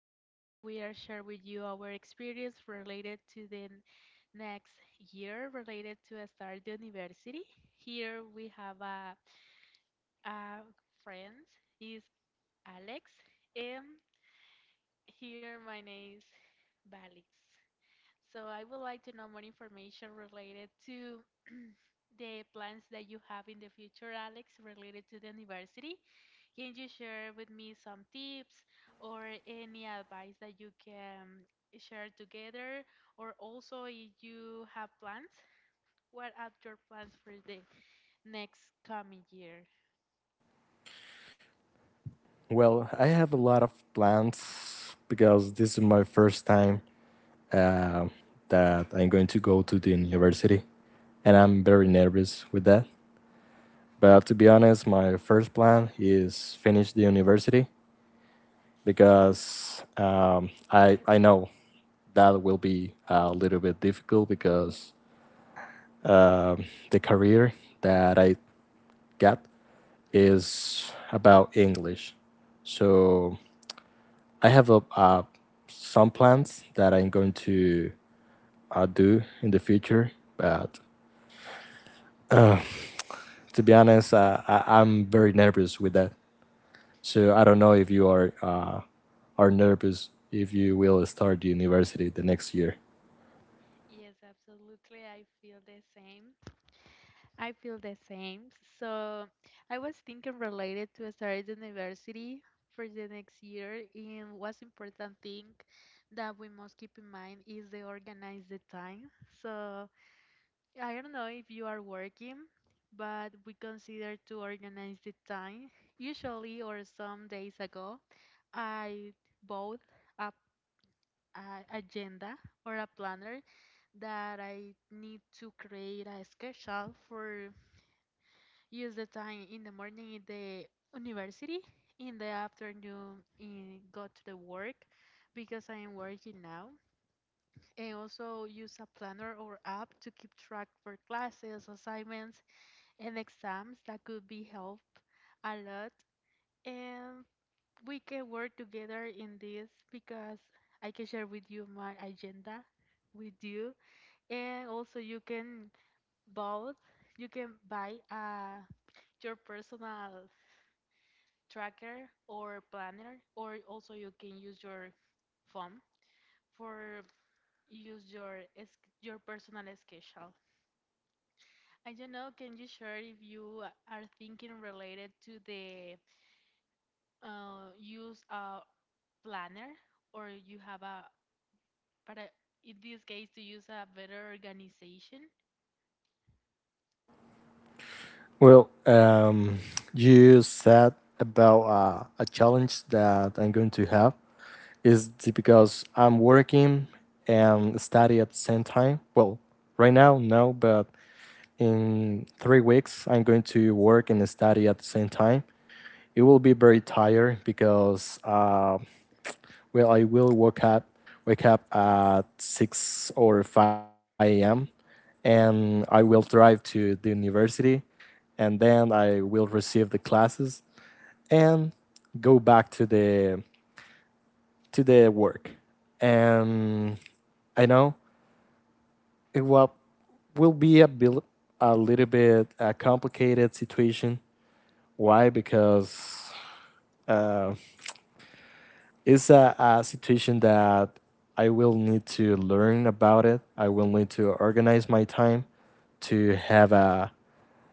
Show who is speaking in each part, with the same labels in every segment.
Speaker 1: this time, we are sharing with you our experience related to the next year related to start the university. Here we have a friend is Alex, and here my name is Valix. So I would like to know more information related to the plans that you have in the future, Alex, related to the university. Can you share with me some tips or any advice that you can share together? Or also, if you have plans, what are your plans for the next coming year?
Speaker 2: Well, I have a lot of plans because this is my first time uh, that I'm going to go to the university, and I'm very nervous with that. But to be honest, my first plan is finish the university because I know that will be a little bit difficult because um the career that I got is about English, so I have a some plans that I'm going to do in the future, but uh, to be honest, I'm very nervous with that. So I don't know if you are nervous if you will start university the next year.
Speaker 1: Yes, absolutely. I feel the same. I feel the same. So I was thinking related to start university for the next year, and what's important thing that we must keep in mind is the organize the time. So I don't know if you are working, but we consider to organize the time. Usually, or some days ago, I bought a, a agenda or a planner that I need to create a schedule for use the time in the morning in the university, in the afternoon in go to the work because I am working now, and also use a planner or app to keep track for classes, assignments, and exams that could be help a lot. And we can work together in this because I can share with you my agenda with you, and also you can both you can buy your personal tracker or planner, or also you can use your phone for use your your personal schedule. I don't know. Can you share if you are thinking related to the use a planner or you have a but in this case to use a better organization?
Speaker 2: Well, you said about a challenge that I'm going to have is because I'm working and study at the same time. Well, right now no, but in 3 weeks I'm going to work and study at the same time. It will be very tired because well I will wake up at 6 or 5 a.m and I will drive to the university and then I will receive the classes and go back to the work, and I know it will be a, a little bit a complicated situation. Why? Because uh, it's a situation that I will need to learn about it. I will need to organize my time to have a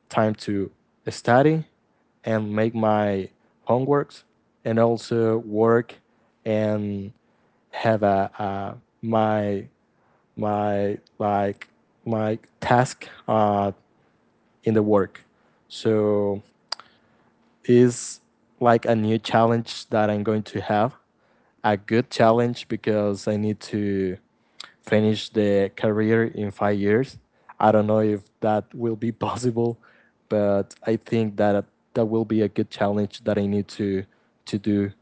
Speaker 2: time to study and make my homeworks and also work and have a my my like my task in the work. So it's like a new challenge that I'm going to have a good challenge because I need to finish the career in 5 years. I don't know if that will be possible, but I think that that will be a good challenge that I need to do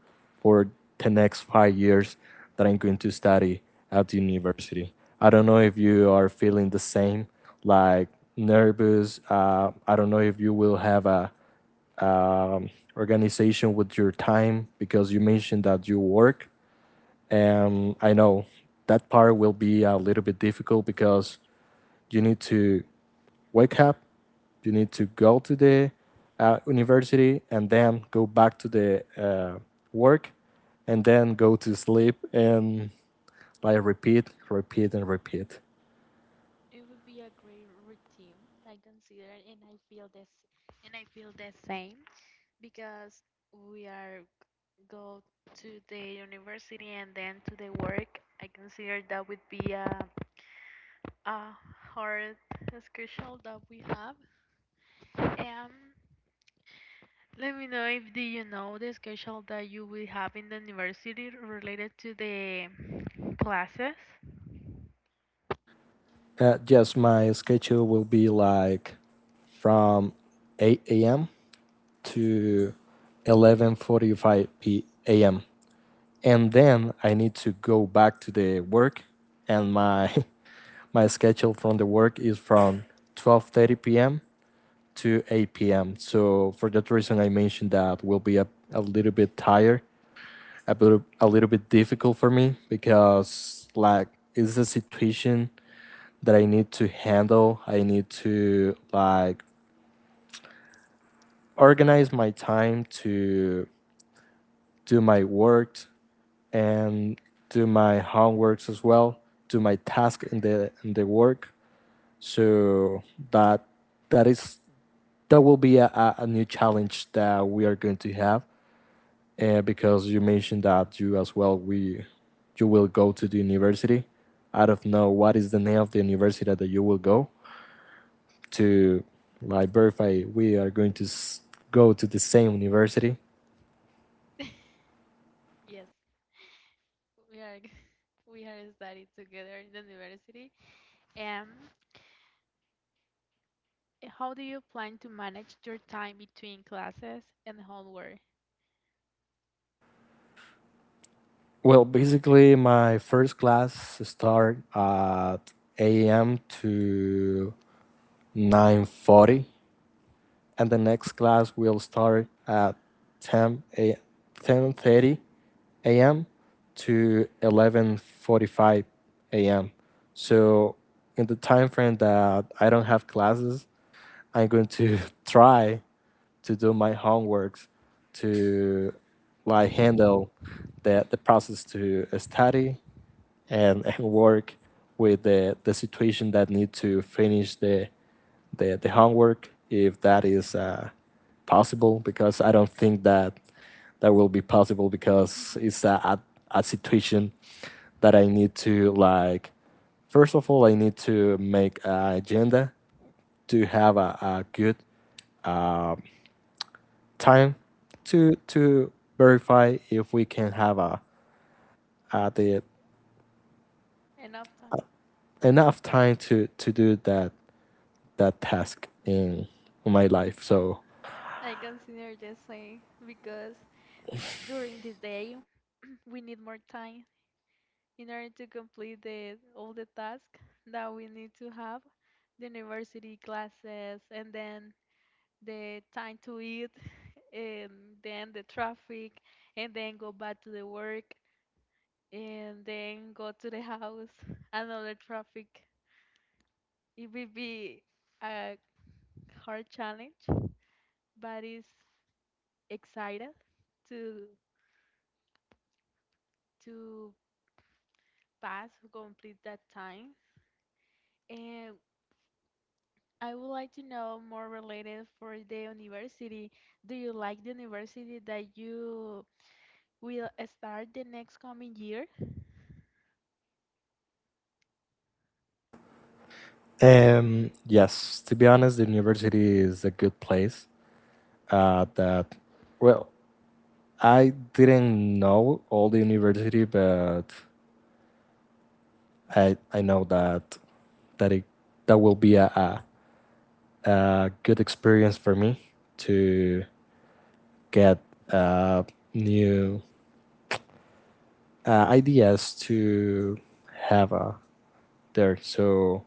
Speaker 2: for the next 5 years that I'm going to study at the university. I don't know if you are feeling the same, like nervous. I don't know if you will have a um, organization with your time because you mentioned that you work, and I know that part will be a little bit difficult because you need to wake up, you need to go to the university, and then go back to the work, and then go to sleep, and like repeat, repeat, and repeat.
Speaker 1: It would be a great routine, I consider, and I feel this, and I feel the same because we are go to the university and then to the work, I consider that would be a hard schedule that we have. Um, Let me know if do you know the schedule that you will have in the university related to the classes.
Speaker 2: Yes, my schedule will be like from 8 a.m. to 11:45 p.m. and then I need to go back to the work, and my my schedule from the work is from 12:30 p.m. to 8 p.m. So for that reason, I mentioned that will be a little bit tired, a little bit difficult for me because like it's a situation that I need to handle. I need to like organize my time to do my work and do my homeworks as well, do my task in the work. So that that is that will be a new challenge that we are going to have because you mentioned that you as well we you will go to the university. I don't know what is the name of the university that you will go to, like verify we are going to go to the same university.
Speaker 1: Yes, we are we are studying together in the university. Um, how do you plan to manage your time between classes and homework?
Speaker 2: Well, basically, my first class start at 8 a.m to 9:40, and the next class will start at 10 a 10:30 a.m. to 11:45 a.m. So in the time frame that I don't have classes, I'm going to try to do my homeworks to like handle the process to study and, and work with the situation that need to finish the homework if that is possible because I don't think that that will be possible because it's
Speaker 1: Mhm.
Speaker 2: a situation that I need to like. First of all, I need to make an agenda to have a good uh, time to verify if we can have a the
Speaker 1: Enough
Speaker 2: uh,
Speaker 1: time.
Speaker 2: enough time to do that task in my life. So
Speaker 1: I consider the same because during the day, we need more time in order to complete the, all the tasks that we need to have, the university classes, and then the time to eat, and then the traffic, and then go back to the work, and then go to the house, another traffic. It will be a hard challenge, but it's excited to to pass, complete that time. And I would like to know more related for the university. Do you like the university that you will start the next coming year?
Speaker 2: yes, to be honest, the university is a good place. That well, I didn't know all the university, but I know that that it that will be a good experience for me to get uh, new ideas to have there. So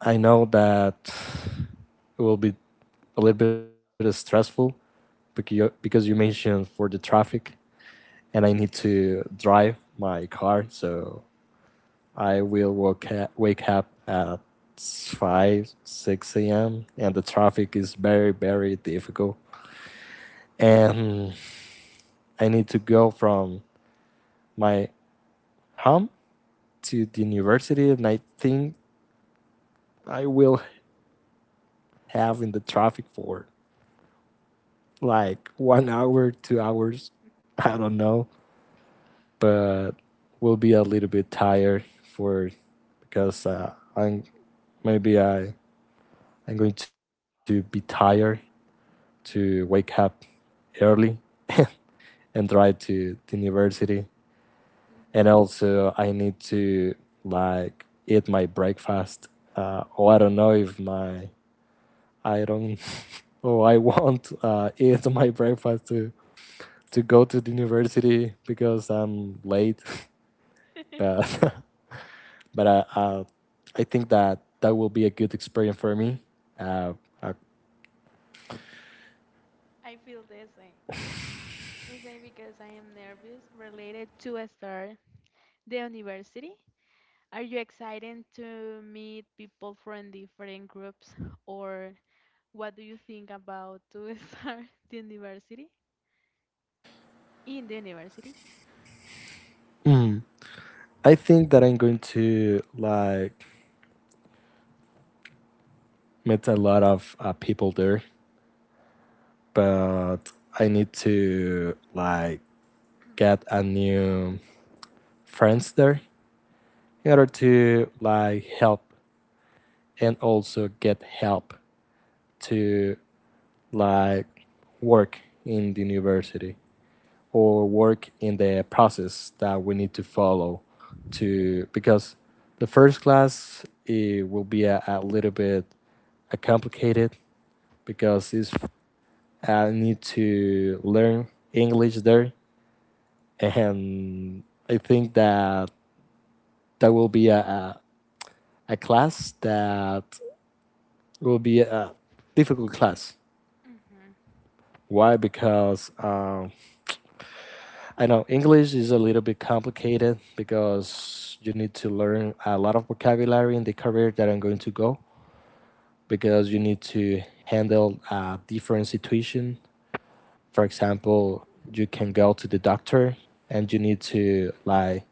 Speaker 2: I know that it will be a little bit stressful because you mentioned for the traffic, and I need to drive my car. So I will wake up at five six a.m. and the traffic is very very difficult, and I need to go from my home to the university, and I think I will have in the traffic for like one hour, two hours. I don't know, but will be a little bit tired for because I'm maybe I I'm going to be tired to wake up early and drive to the university.
Speaker 1: Mhm.
Speaker 2: And also I need to like eat my breakfast. Or I don't know if my I don't or I won't eat my breakfast to go to the university because I'm late. but but I think that that will be a good experience. For me. Uh,
Speaker 1: I feel the same. The same because I am nervous related to start the university. Are you excited to meet people from different groups or what do you think about to start the university? In the university?
Speaker 2: mm, I think that I'm going to like meet a lot of people there, but I need to like get a new friends there in order to like help and also get help to like work in the university or work in the process that we need to follow to because the first class it will be a little bit complicated because it's I need to learn English there, and I think that that will be a class that will be a difficult class.
Speaker 1: Hmm.
Speaker 2: Why? Because I know English is a little bit complicated because you need to learn a lot of vocabulary in the career that I'm going to go because you need to handle a different situation. For example, you can go to the doctor and you need to like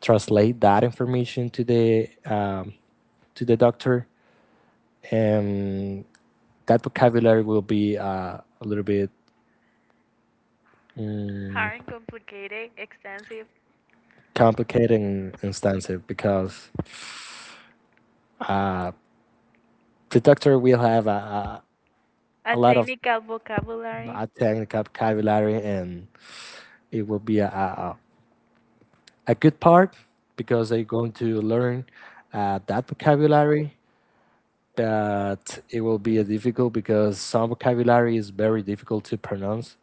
Speaker 2: translate that information to the doctor, and that vocabulary will be a little bit
Speaker 1: Hard, complicated, extensive,
Speaker 2: complicated instance because uh, protector will have
Speaker 1: a
Speaker 2: a lot of
Speaker 1: technical vocabulary.
Speaker 2: technical vocabulary, and it will be a good part because they're going to learn that vocabulary. But it will be difficult because some vocabulary is very difficult to pronounce.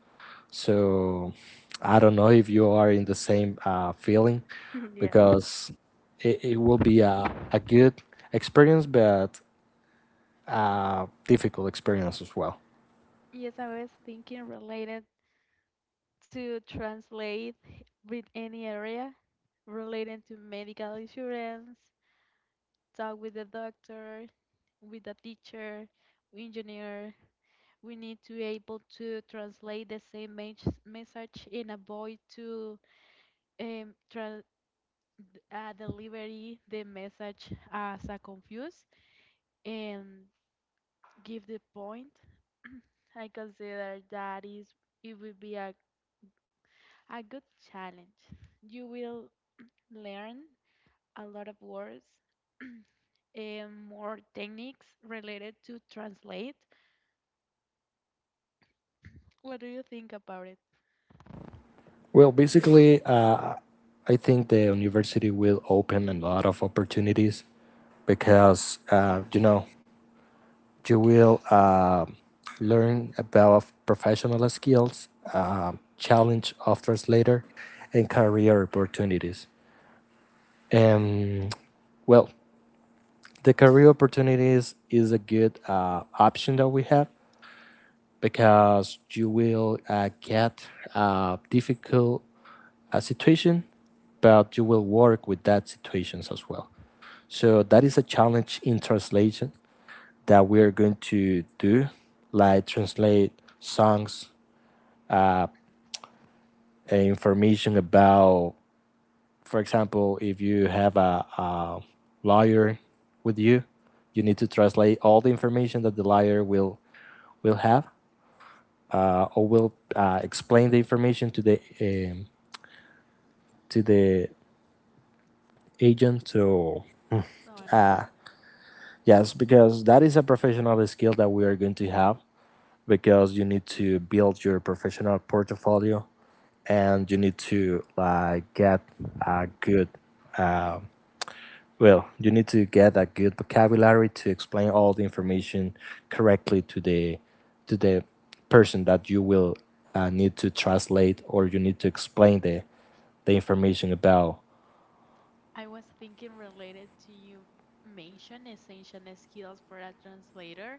Speaker 2: So I don't know if you are in the same feeling
Speaker 1: Yes.
Speaker 2: because it will be a good experience, but difficult experience as well.
Speaker 1: Yes, I was thinking related to translate with any area related to medical insurance, talk with the doctor, with the teacher, engineer. We need to able to translate the same message and avoid to um, tra- delivery the message as a confuse and give the point I consider that is it would be a good challenge. You will learn a lot of words and more techniques related to translate. What do you think about it?
Speaker 2: Well, basically, I think the university will open a lot of opportunities because you know you will learn about professional skills, challenge of translator, and career opportunities. And well, the career opportunities is a good option that we have because you will get difficult a situation, but you will work with that situations as well. So that is a challenge in translation that we are going to do, like translate songs, uh, information about, for example, if you have a lawyer with you, you need to translate all the information that the lawyer will have or will explain the information to the to the agent. So
Speaker 1: Someone else.
Speaker 2: yes, because that is a professional skill that we are going to have because you need to build your professional portfolio, and you need to like get a good uh, well, you need to get a good vocabulary to explain all the information correctly to the to the person that you will need to translate or you need to explain the information about.
Speaker 1: I was thinking related to you mention essential skills for a translator.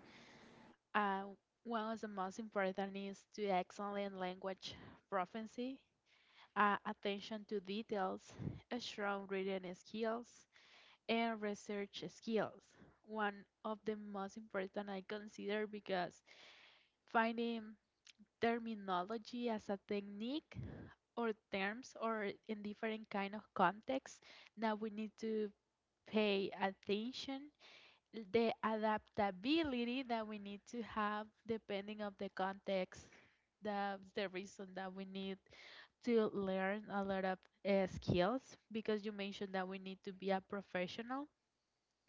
Speaker 1: Uh, One of the most important is to excellent language proficiency, attention to details, a strong reading skills, and research skills. One of the most important I consider because finding terminology as a technique or terms or in different kind of contexts that we need to pay attention the adaptability that we need to have depending of the context that's the reason that we need to learn a lot of skills because you mentioned that we need to be a professional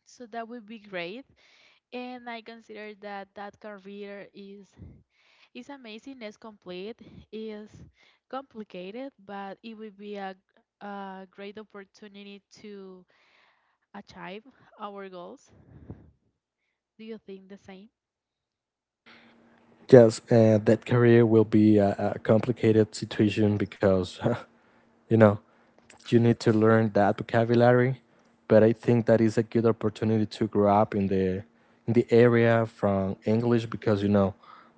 Speaker 1: so that would be great and I consider that that career is amazing, it's complete, is complicated, but it would be a great opportunity to achieve our goals. Do you think the same?
Speaker 2: Yes, and that career will be a complicated situation because, you know, you need to learn that vocabulary. But I think that is a good opportunity to grow up in the area from English because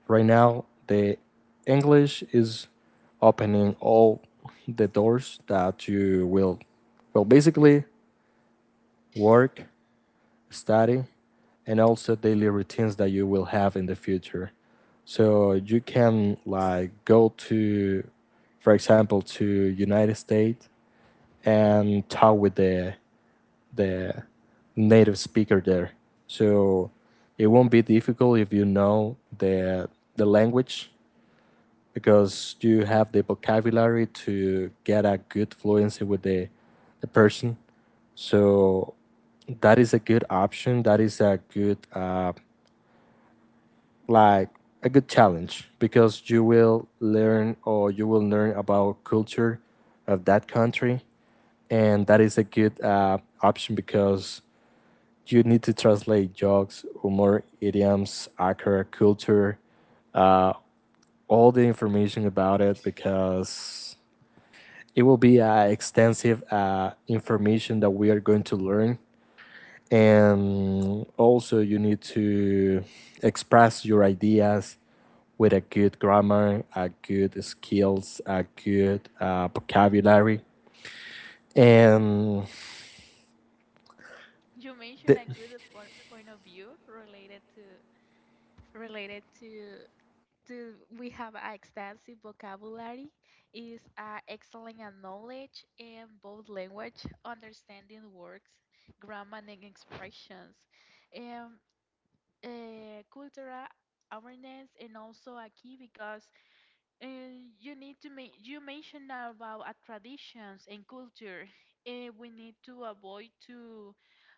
Speaker 2: right now the English is opening all the doors that you will well basically work, study, and also daily routines that you will have in the future. So you can like go to, for example, to United States and talk with the the native speaker there. So it won't be difficult if you know the language because you have the vocabulary to get a good fluency with the person. So that is a good option. That is a good like a good challenge because you will learn about culture of that country, and that is a good option because you need to translate jokes, humor, idioms, actor, culture, uh, all the information about it because it will be extensive information that we are going to learn. And also, you need to express your ideas with a good grammar, a good skills, a good vocabulary. And
Speaker 1: You mentioned
Speaker 2: th-
Speaker 1: a good point of view related to related to do we have an extensive vocabulary is excellent at knowledge in both language understanding words grammar and expressions and cultural awareness and also a key because uh, you need to make you mentioned about traditions and culture and we need to avoid to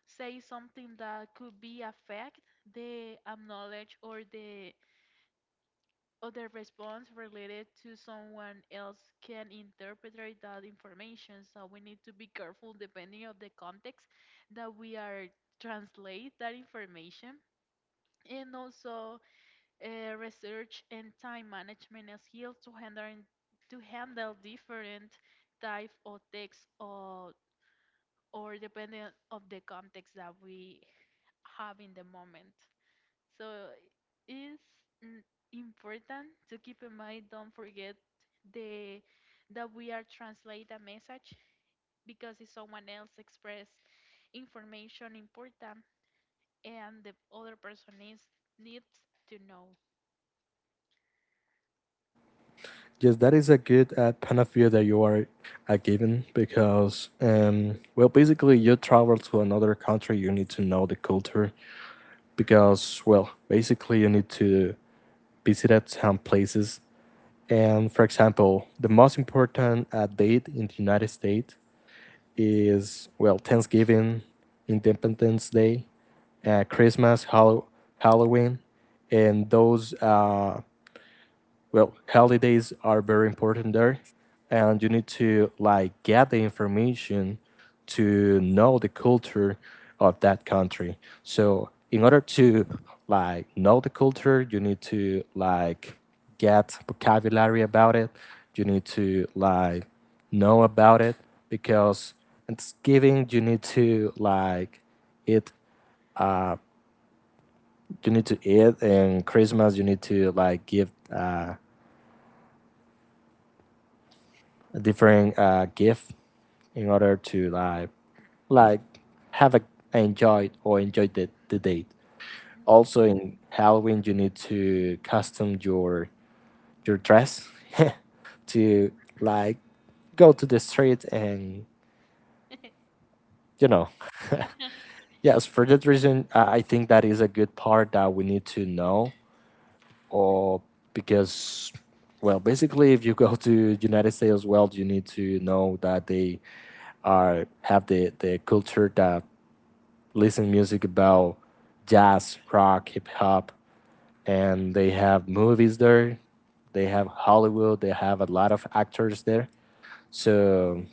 Speaker 1: say something that could be affect the knowledge or the other response related to someone else can interpret that information. So we need to be careful depending on the context that we are translate that information. And also research and time management skills to handle different type of text or depending of the context that we have in the moment. So it's n- important to keep in mind. Don't forget the that we are translate a message because if someone else express information important and the other person is needs to know.
Speaker 2: Yes, that is a good point of view that you are given because, well, basically, you travel to another country, you need to know the culture because, well, basically, you need to visit at some places. And for example, the most important date in the United States is, well, Thanksgiving, Independence Day, Christmas, Halloween, and those well holidays are very important there, and you need to like get the information to know the culture of that country. So in order to like know the culture, you need to like get vocabulary about it, you need to like know about it, because Thanksgiving you need to like eat, uh you need to eat, and Christmas you need to like give different gift in order to like like have a enjoy or enjoy the date.
Speaker 1: Mhm.
Speaker 2: Also in Halloween you need to custom your dress to like go to the street, and you know, yes, for that reason I think that is a good part that we need to know or because well, basically if you go to United States, well you need to know that they are have the culture that listen music about jazz, rock, hip hop, and they have movies there. They have Hollywood. They have a lot of actors there. So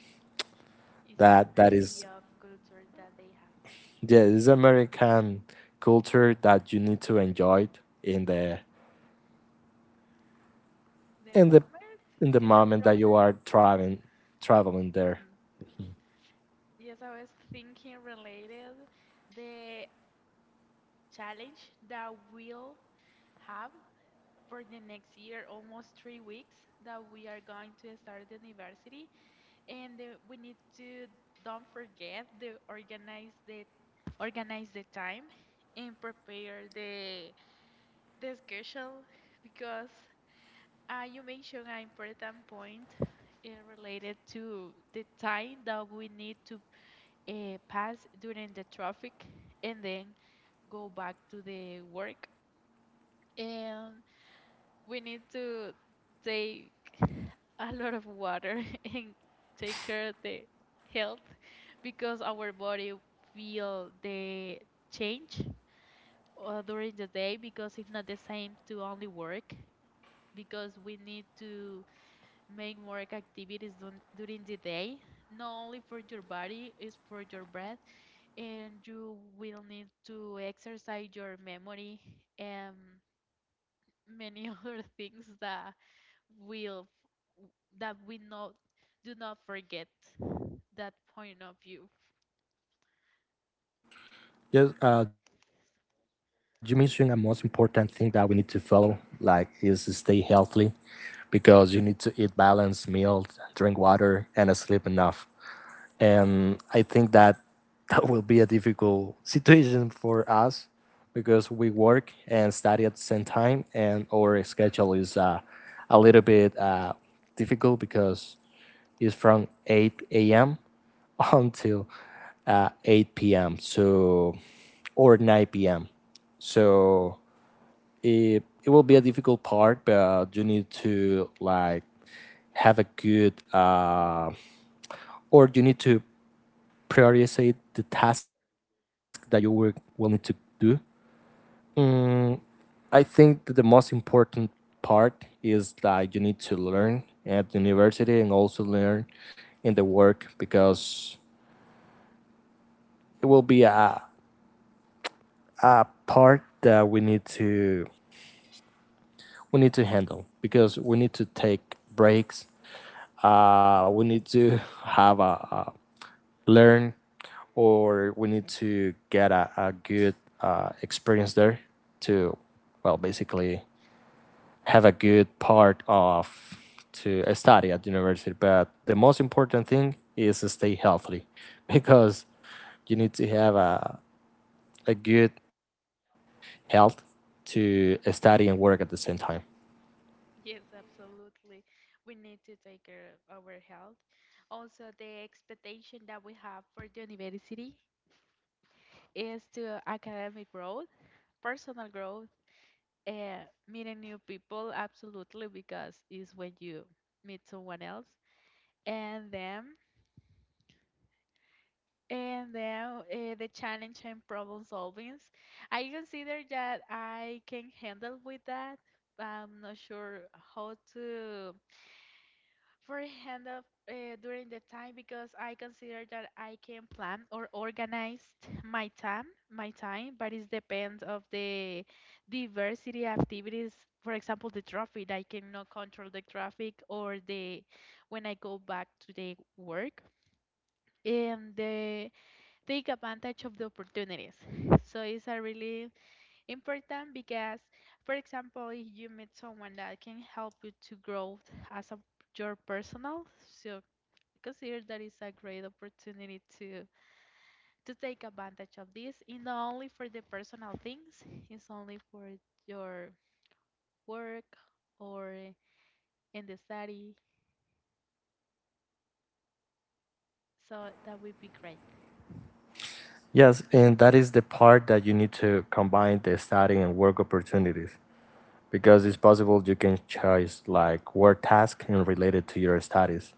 Speaker 1: It's a
Speaker 2: that
Speaker 1: diversity
Speaker 2: is,
Speaker 1: of culture that they have.
Speaker 2: yeah, it's American culture that you need to enjoy it in the
Speaker 1: The
Speaker 2: in the
Speaker 1: moment
Speaker 2: in the
Speaker 1: in the
Speaker 2: moment that you
Speaker 1: process.
Speaker 2: are traveling there.
Speaker 1: Mhm. Yes, I was thinking related the challenge that we'll have for the next year, almost 3 weeks that we are going to start the university, and we need to don't forget the organize the time and prepare the schedule because you mentioned an important point related to the time that we need to pass during the traffic and then go back to the work. And we need to take a lot of water and take care of the health because our body feel the change during the day because it's not the same to only work because we need to make more activities during the day not only for your body it's for your breath and you will need to exercise your memory and many other things that will that we not do not forget that point of view.
Speaker 2: Yes, you mentioned a most important thing that we need to follow, like is stay healthy because you need to eat balanced meals, drink water, and sleep enough. And I think that that will be a difficult situation for us because we work and study at the same time, and our schedule is a little bit difficult because it's from 8 a.m. until 8 p.m. So or 9 p.m. So it will be a difficult part, but you need to like have a good or you need to prioritize the task that you will need to do. Mm, I think that the most important part is that you need to learn at university and also learn in the work because it will be a part that we need to handle because we need to take breaks, we need to have a learn or we need to get a good experience there to well basically have a good part of to study at university. But the most important thing is to stay healthy because you need to have a good health to study and work at the same time.
Speaker 1: Yes, absolutely. We need to take care of our health. Also, the expectation that we have for the university is to academic growth, personal growth, meeting new people, absolutely, because it's when you meet someone else. And then And then the challenge and problem solvings. I consider that I can handle with that. I'm not sure how to for handle during the time because I consider that I can plan or organize my time, my time, but it depends of the diversity activities. For example, the traffic, I cannot control the traffic or the when I go back to the work and the take advantage of the opportunities. So it's a really important because, for example, if you meet someone that can help you to grow as a your personal, so consider that it's a great opportunity to take advantage of this. And not only for the personal things, it's only for your work or in the study. So that would be great.
Speaker 2: Yes, and that is the part that you need to combine the study and work opportunities because it's possible you can choose like work task and related to your studies.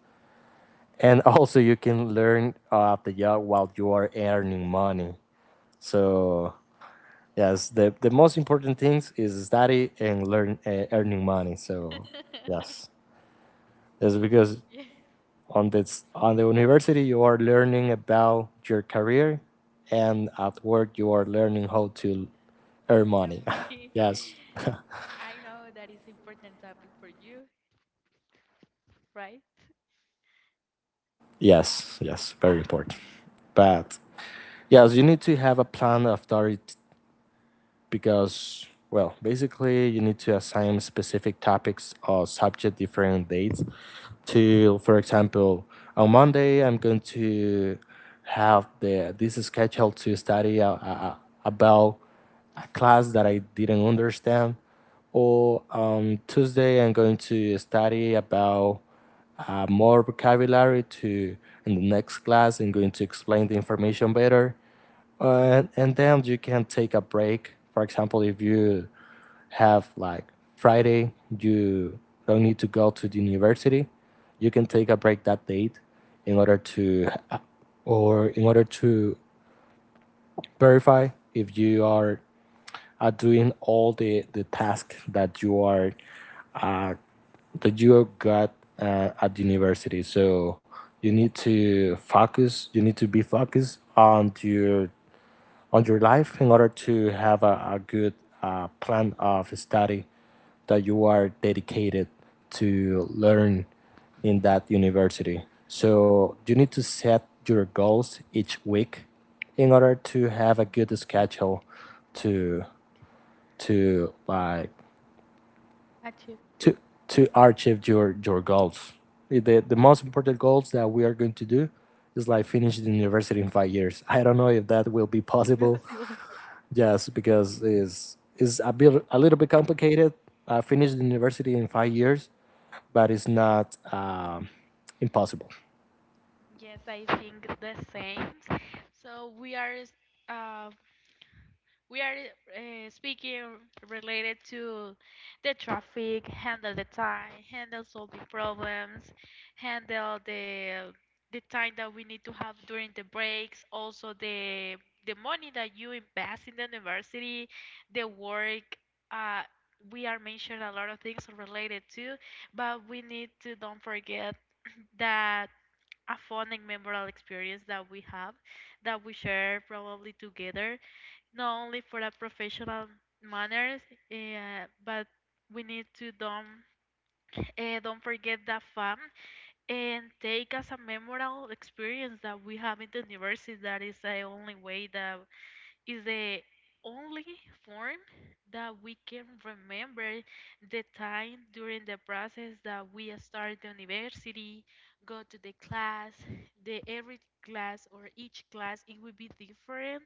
Speaker 2: And also you can learn of the job while you are earning money. So yes, the most important things is study and learn, earning money. So yes, that's because
Speaker 1: Yeah,
Speaker 2: on this on the university you are learning about your career, and at work you are learning how to earn money.
Speaker 1: money.
Speaker 2: Yes,
Speaker 1: I know that is important topic for you, right?
Speaker 2: yes, yes, very important. But yes, you need to have a plan of authority because, well, basically you need to assign specific topics or subject different dates. To, for example, on Monday I'm going to have the this schedule to study a, about a class that I didn't understand, or on Tuesday I'm going to study about more vocabulary to in the next class. I'm going to explain the information better, and then you can take a break. For example, if you have like Friday, you don't need to go to the university. You can take a break that date in order to, or in order to verify if you are doing all the tasks that you are uh, that you got at university. So you need to focus. You need to be focused on your life in order to have a good plan of study that you are dedicated to learn in that university. So you need to set your goals each week in order to have a good schedule to to like
Speaker 1: Achieve.
Speaker 2: to to achieve your goals. The most important goals that we are going to do is like finish the university in 5 years. I don't know if that will be possible.
Speaker 1: Impossible.
Speaker 2: Yes, because it's a bit a little bit complicated. I finished the university in 5 years, but it's not impossible.
Speaker 1: Yes, I think the same. So we are uh, we are speaking related to the traffic, handle the time, handle solving problems, handle the time that we need to have during the breaks, also the money that you invest in the university, the work. Uh, we are mentioning a lot of things related to, but we need to don't forget that a fun and memorable experience that we have that we share probably together not only for a professional manners but we need to don't forget that fun and take as a memorable experience that we have in the university that is the only way that is the only form that we can remember the time during the process that we start the university, go to the class, the every class or each class it will be different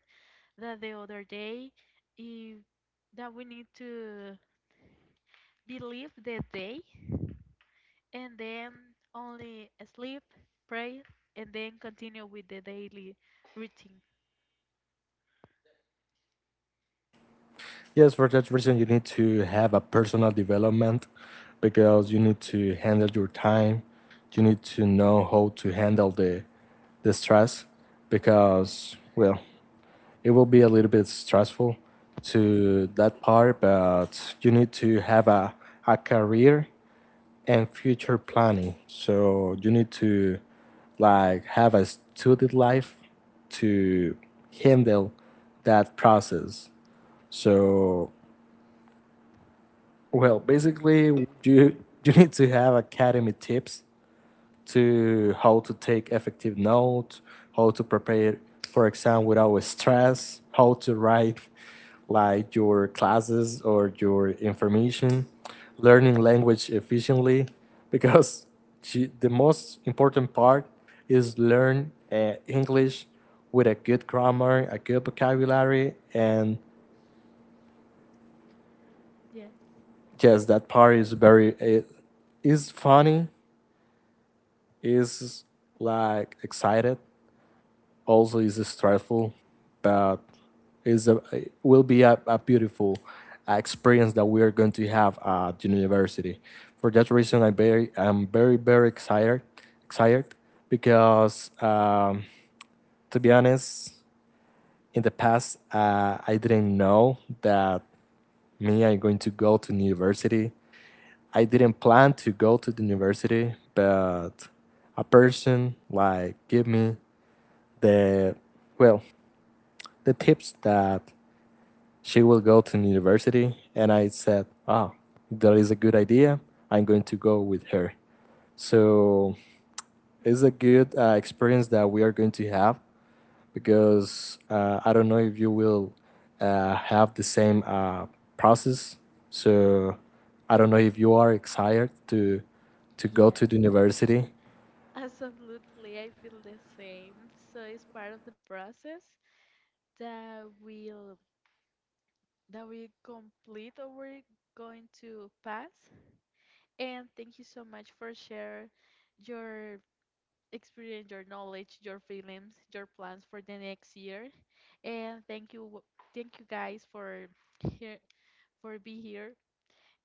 Speaker 1: than the other day. If that we need to believe the day and then only sleep, pray, and then continue with the daily routine.
Speaker 2: Yes, for that reason, you need to have a personal development because you need to handle your time. You need to know how to handle the stress because well, it will be a little bit stressful to that part, but you need to have a career and future planning. So you need to like have a studied life to handle that process. So well, basically you need to have academy tips to how to take effective note, how to prepare for exam without stress, how to write like your classes or your information, learning language efficiently, because she, the most important part is learn, English with a good grammar, a good vocabulary, and
Speaker 1: Yes.
Speaker 2: yes, that part is very, it is funny, is like excited, also is stressful, but is a, it will be a beautiful experience that we are going to have at university. For that reason, I very I'm very excited because, to be honest, in the past I didn't know that me I'm going to go to university. I didn't plan to go to the university, but a person like give me the well the tips that she will go to university. And I said, ah, that is a good idea. I'm going to go with her. So it's a good experience that we are going to have because I don't know if you will have the same process. So I don't know if you are excited to go
Speaker 1: Yes.
Speaker 2: to the university.
Speaker 1: Absolutely, I feel the same. So it's part of the process that will that we complete or we're going to pass. And thank you so much for share your experience, your knowledge, your feelings, your plans for the next year. And thank you, thank you guys for here for be here.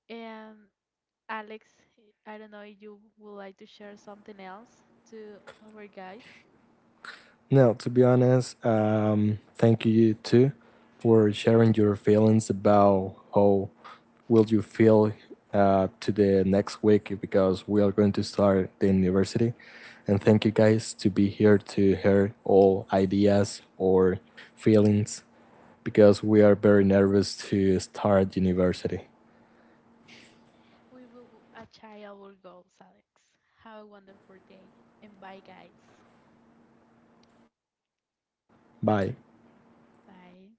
Speaker 1: And Alex, I don't know if you would like to share something else to our guys.
Speaker 2: No, to be honest, thank you too for sharing your feelings about how will you feel to the next week because we are going to start the university. And thank you guys to be here to hear all ideas or feelings because we are very nervous to start university.
Speaker 1: We will achieve our goals, Alex. Have a wonderful day and bye, guys.
Speaker 2: Bye.
Speaker 1: Bye.